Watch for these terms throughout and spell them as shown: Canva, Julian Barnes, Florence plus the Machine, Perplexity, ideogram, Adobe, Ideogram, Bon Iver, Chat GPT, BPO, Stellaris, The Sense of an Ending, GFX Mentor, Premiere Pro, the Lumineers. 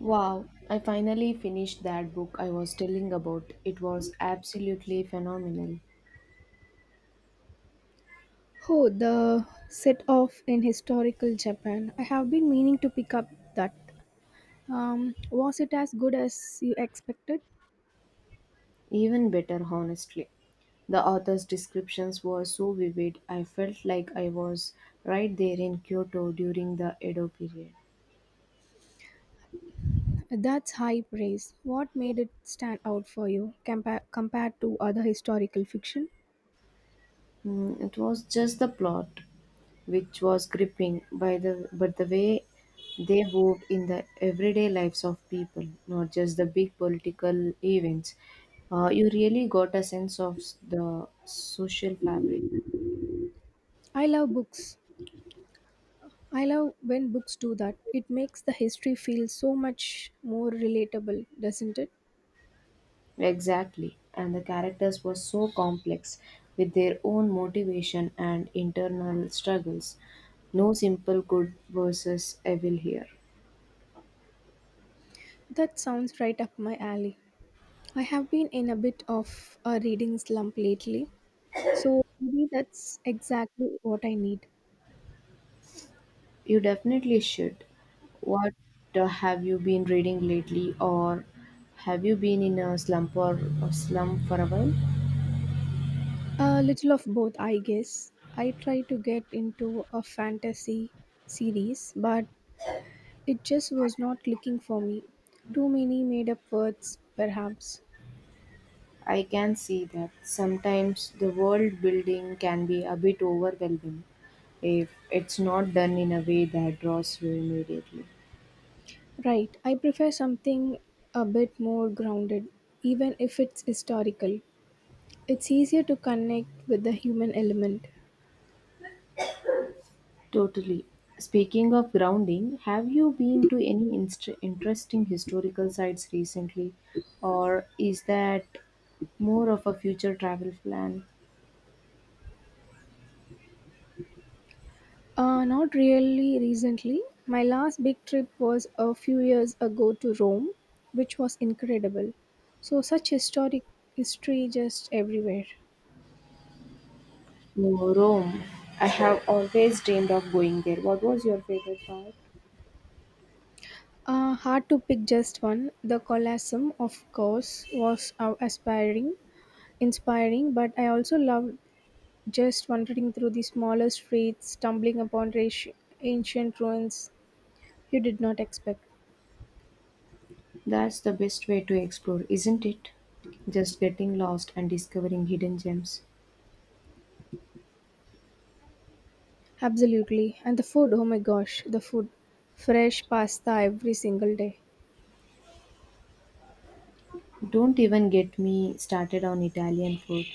Wow, I finally finished that book I was telling about. It was absolutely phenomenal. Oh, the set off in historical Japan. I have been meaning to pick up that. Was it as good as you expected? Even better, honestly. The author's descriptions were so vivid, I felt like I was right there in Kyoto during the Edo period. That's high praise. What made it stand out for you compared to other historical fiction? Mm, it was just the plot, which was gripping by the but the way they moved in the everyday lives of people, not just the big political events. You really got a sense of the social fabric. I love books. I love when books do that. It makes the history feel so much more relatable, doesn't it? Exactly, and the characters were so complex with their own motivation and internal struggles. No simple good versus evil here. That sounds right up my alley. I have been in a bit of a reading slump lately. So maybe that's exactly what I need. You definitely should. What have you been reading lately, or have you been in a slump or a slump for a while? A little of both, I guess. I tried to get into a fantasy series, but it just was not clicking for me. Too many made up words, perhaps. I can see that sometimes the world building can be a bit overwhelming if it's not done in a way that draws you immediately. Right, I prefer something a bit more grounded, even if it's historical. It's easier to connect with the human element. Totally. Speaking of grounding, have you been to any interesting historical sites recently, or is that more of a future travel plan? Not really recently. My last big trip was a few years ago to Rome, which was incredible. So such historic history just everywhere. Oh, Rome. I have always dreamed of going there. What was your favorite part? Hard to pick just one. The Colosseum, of course, was aspiring, inspiring, but I also loved just wandering through the smaller streets, stumbling upon ancient ruins you did not expect. That's the best way to explore, isn't it? Just getting lost and discovering hidden gems. Absolutely. And the food, oh my gosh, the food. Fresh pasta every single day. Don't even get me started on Italian food.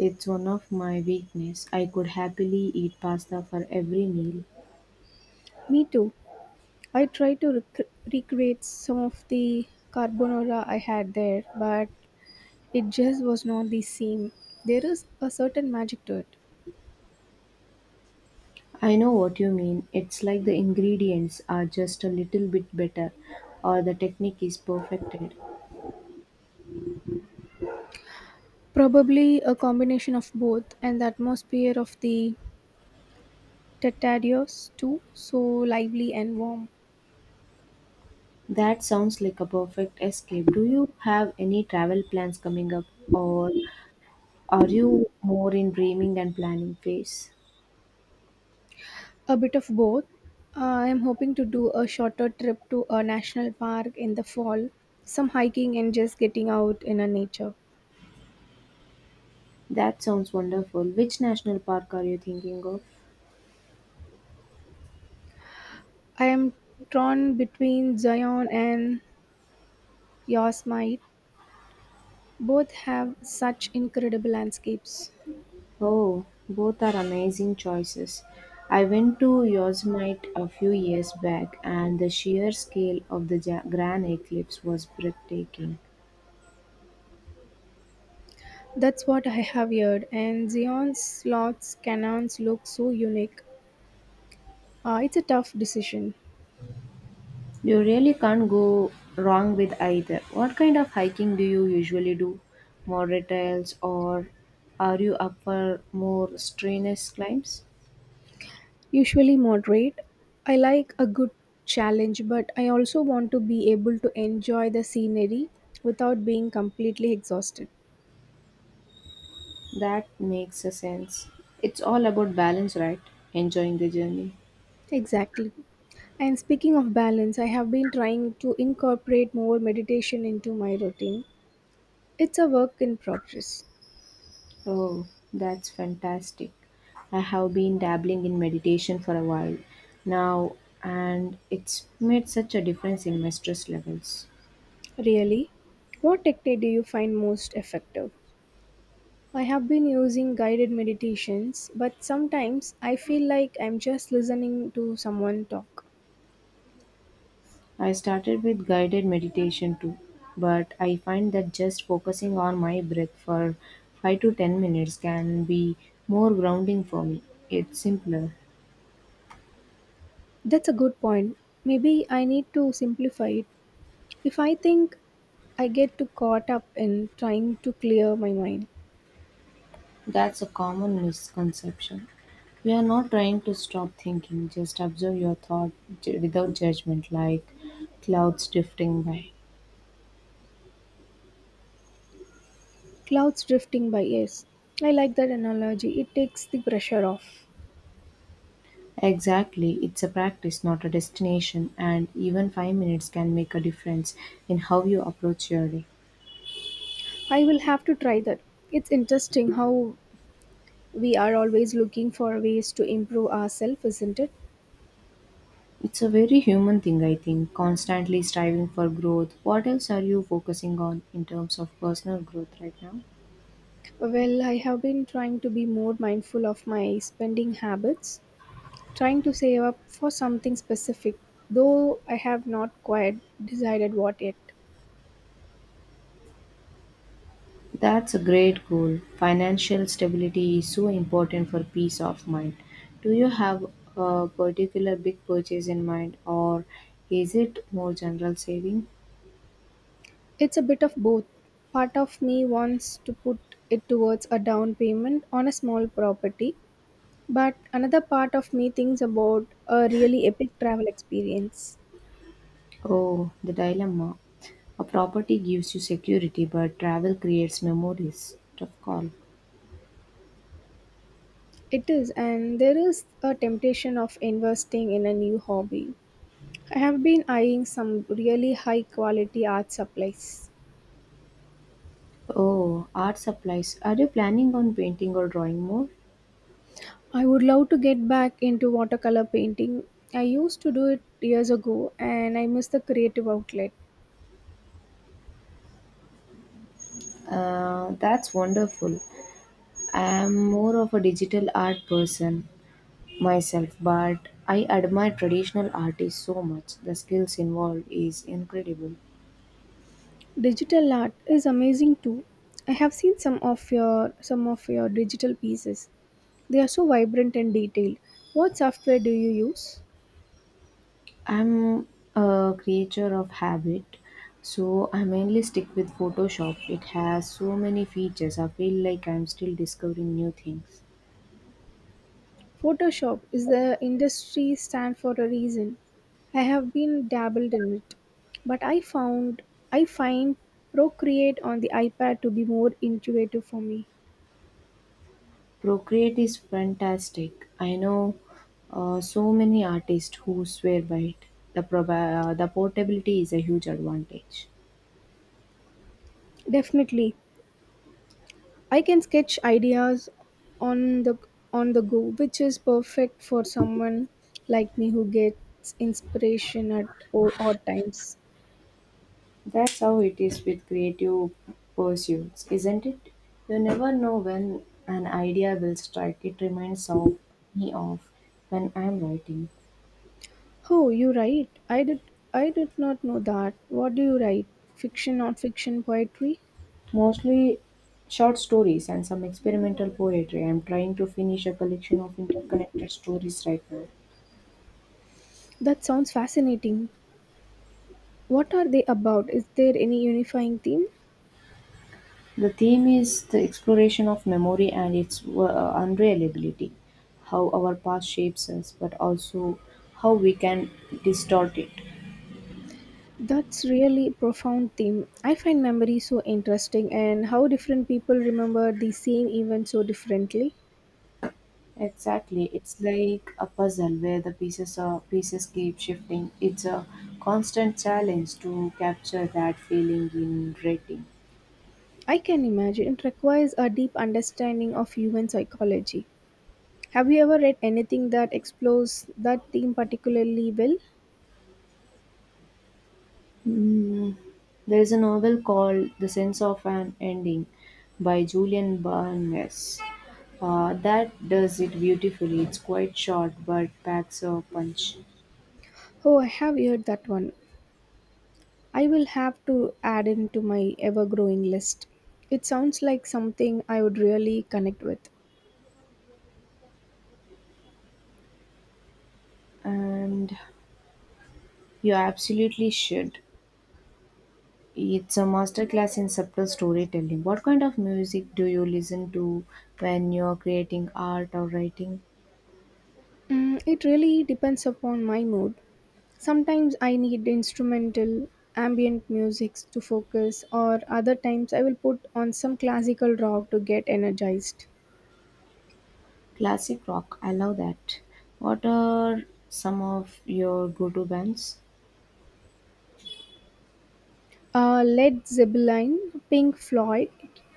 It's one of my weakness. I could happily eat pasta for every meal. Me too. I tried to recreate some of the carbonara I had there, but it just was not the same. There is a certain magic to it. I know what you mean. It's like the ingredients are just a little bit better or the technique is perfected. Probably a combination of both, and the atmosphere of the Tetradios too, so lively and warm. That sounds like a perfect escape. Do you have any travel plans coming up, or are you more in dreaming and planning phase? A bit of both. I am hoping to do a shorter trip to a national park in the fall, some hiking and just getting out in a nature. That sounds wonderful. Which national park are you thinking of? I am torn between Zion and Yosemite. Both have such incredible landscapes. Oh, both are amazing choices. I went to Yosemite a few years back, and the sheer scale of the granite cliffs was breathtaking. That's what I have heard, and Zion's slots canons look so unique. It's a tough decision. You really can't go wrong with either. What kind of hiking do you usually do? Moderate trails, or are you up for more strenuous climbs? Usually moderate. I like a good challenge, but I also want to be able to enjoy the scenery without being completely exhausted. That makes a sense. It's all about balance, right? Enjoying the journey. Exactly. And speaking of balance, I have been trying to incorporate more meditation into my routine. It's a work in progress. Oh, that's fantastic. I have been dabbling in meditation for a while now, and it's made such a difference in my stress levels. Really? What technique do you find most effective? I have been using guided meditations, but sometimes I feel like I'm just listening to someone talk. I started with guided meditation too, but I find that just focusing on my breath for 5 to 10 minutes can be more grounding for me. It's simpler. That's a good point. Maybe I need to simplify it. If I think I get too caught up in trying to clear my mind. That's a common misconception. We are not trying to stop thinking, just observe your thought without judgment, like clouds drifting by. Clouds drifting by, yes. I like that analogy. It takes the pressure off. Exactly, it's a practice, not a destination, and even 5 minutes can make a difference in how you approach your day. I will have to try that. It's interesting how we are always looking for ways to improve ourselves, isn't it? It's a very human thing, I think, constantly striving for growth. What else are you focusing on in terms of personal growth right now? Well, I have been trying to be more mindful of my spending habits, trying to save up for something specific, though I have not quite decided what yet. That's a great goal. Financial stability is so important for peace of mind. Do you have a particular big purchase in mind, or is it more general saving? It's a bit of both. Part of me wants to put it towards a down payment on a small property, but another part of me thinks about a really epic travel experience. Oh, the dilemma. A property gives you security, but travel creates memories. Tough call. It is, and there is a temptation of investing in a new hobby. I have been eyeing some really high quality art supplies. Oh, art supplies. Are you planning on painting or drawing more? I would love to get back into watercolor painting. I used to do it years ago and I miss the creative outlet. That's wonderful. I'm more of a digital art person myself, but I admire traditional artists so much. The skills involved is incredible. Digital art is amazing too. I have seen some of your digital pieces. They are so vibrant and detailed. What software do you use? I'm a creature of habit, so I mainly stick with Photoshop. It has so many features. I feel like I'm still discovering new things. Photoshop is the industry stand for a reason. I have been dabbled in it, but I find Procreate on the iPad to be more intuitive for me. Procreate is fantastic. I know so many artists who swear by it. The the portability is a huge advantage. Definitely, I can sketch ideas on the on the go, which is perfect for someone like me who gets inspiration at odd times. That's how it is with creative pursuits, isn't it? You never know when an idea will strike. It reminds of me of when I'm writing. Oh, you write? I did not know that. What do you write? Fiction, non-fiction, poetry? Mostly short stories and some experimental poetry. I'm trying to finish a collection of interconnected stories right now. That sounds fascinating. What are they about? Is there any unifying theme? The theme is the exploration of memory and its unreliability, how our past shapes us, but also how we can distort it. That's really profound theme. I find memory so interesting and how different people remember the same event so differently. Exactly. It's like a puzzle where the pieces keep shifting. It's a constant challenge to capture that feeling in writing. I can imagine it requires a deep understanding of human psychology. Have you ever read anything that explores that theme particularly well? Mm, there is a novel called The Sense of an Ending by Julian Barnes. That does it beautifully. It's quite short but packs a punch. Oh, I have heard that one. I will have to add into my ever growing list. It sounds like something I would really connect with. And you absolutely should. It's a masterclass in subtle storytelling. What kind of music do you listen to when you're creating art or writing? It really depends upon my mood. Sometimes I need instrumental, ambient music to focus, or other times I will put on some classical rock to get energized. Classic rock, I love that. What are some of your go to bands? Led Zeppelin, Pink Floyd,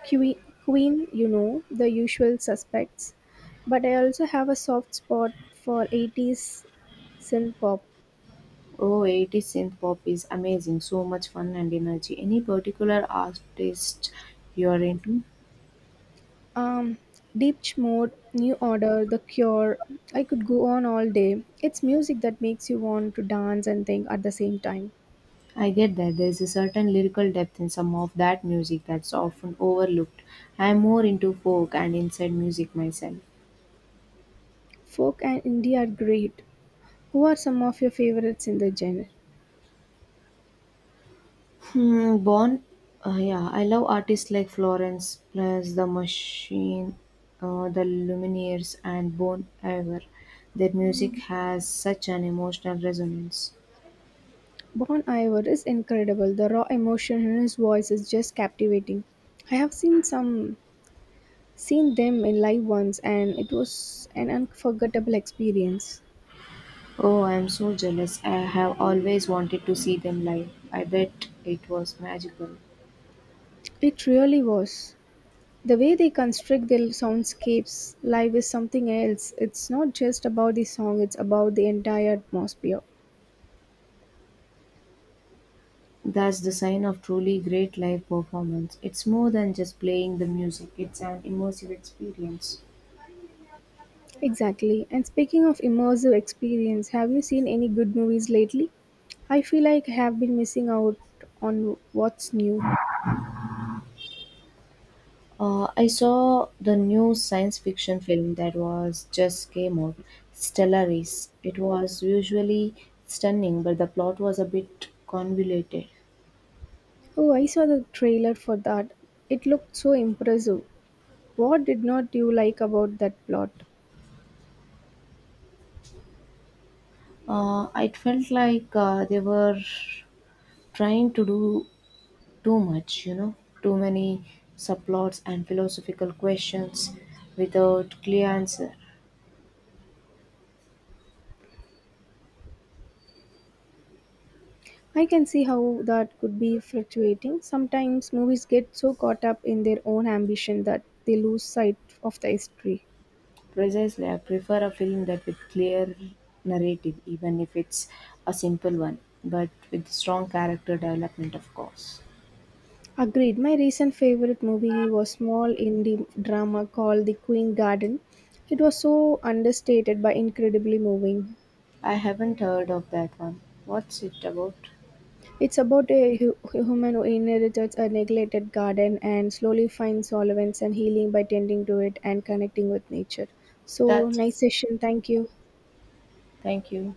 Que- Queen, you know, the usual suspects. But I also have a soft spot for 80s synth pop. Oh, 80s synth pop is amazing. So much fun and energy. Any particular artist you're into? um deep mode, new order, the cure, I could go on all day. It's music that makes you want to dance and think at the same time. I get that. There's a certain lyrical depth in some of that music that's often overlooked. I'm more into folk and inside music myself. Folk and indie are great. Who are some of your favorites in the genre? Hmm, Bon, yeah, I love artists like Florence plus the Machine, the Lumineers, and Bon Iver. Their music has such an emotional resonance. Bon Iver is incredible. The raw emotion in his voice is just captivating. I have seen them in live once and it was an unforgettable experience. Oh, I am so jealous. I have always wanted to see them live. I bet it was magical. It really was. The way they construct their soundscapes live is something else. It's not just about the song, it's about the entire atmosphere. That's the sign of truly great live performance. It's more than just playing the music, it's an immersive experience. Exactly. And speaking of immersive experience, have you seen any good movies lately? I feel like I have been missing out on what's new. I saw the new science fiction film that was just came out, Stellaris. It was visually stunning, but the plot was a bit convoluted. Oh, I saw the trailer for that. It looked so impressive. What did not you like about that plot? It felt like they were trying to do too much, you know, too many subplots and philosophical questions without clear answer. I can see how that could be fluctuating. Sometimes movies get so caught up in their own ambition that they lose sight of the history. Precisely, I prefer a film that with clear narrative, even if it's a simple one, but with strong character development, of course. Agreed. My recent favorite movie was small indie drama called The Queen Garden. It was so understated but incredibly moving. I haven't heard of that one. What's it about? It's about a human who inherits a neglected garden and slowly finds solvents and healing by tending to it and connecting with nature. So That's nice session. Thank you. thank you.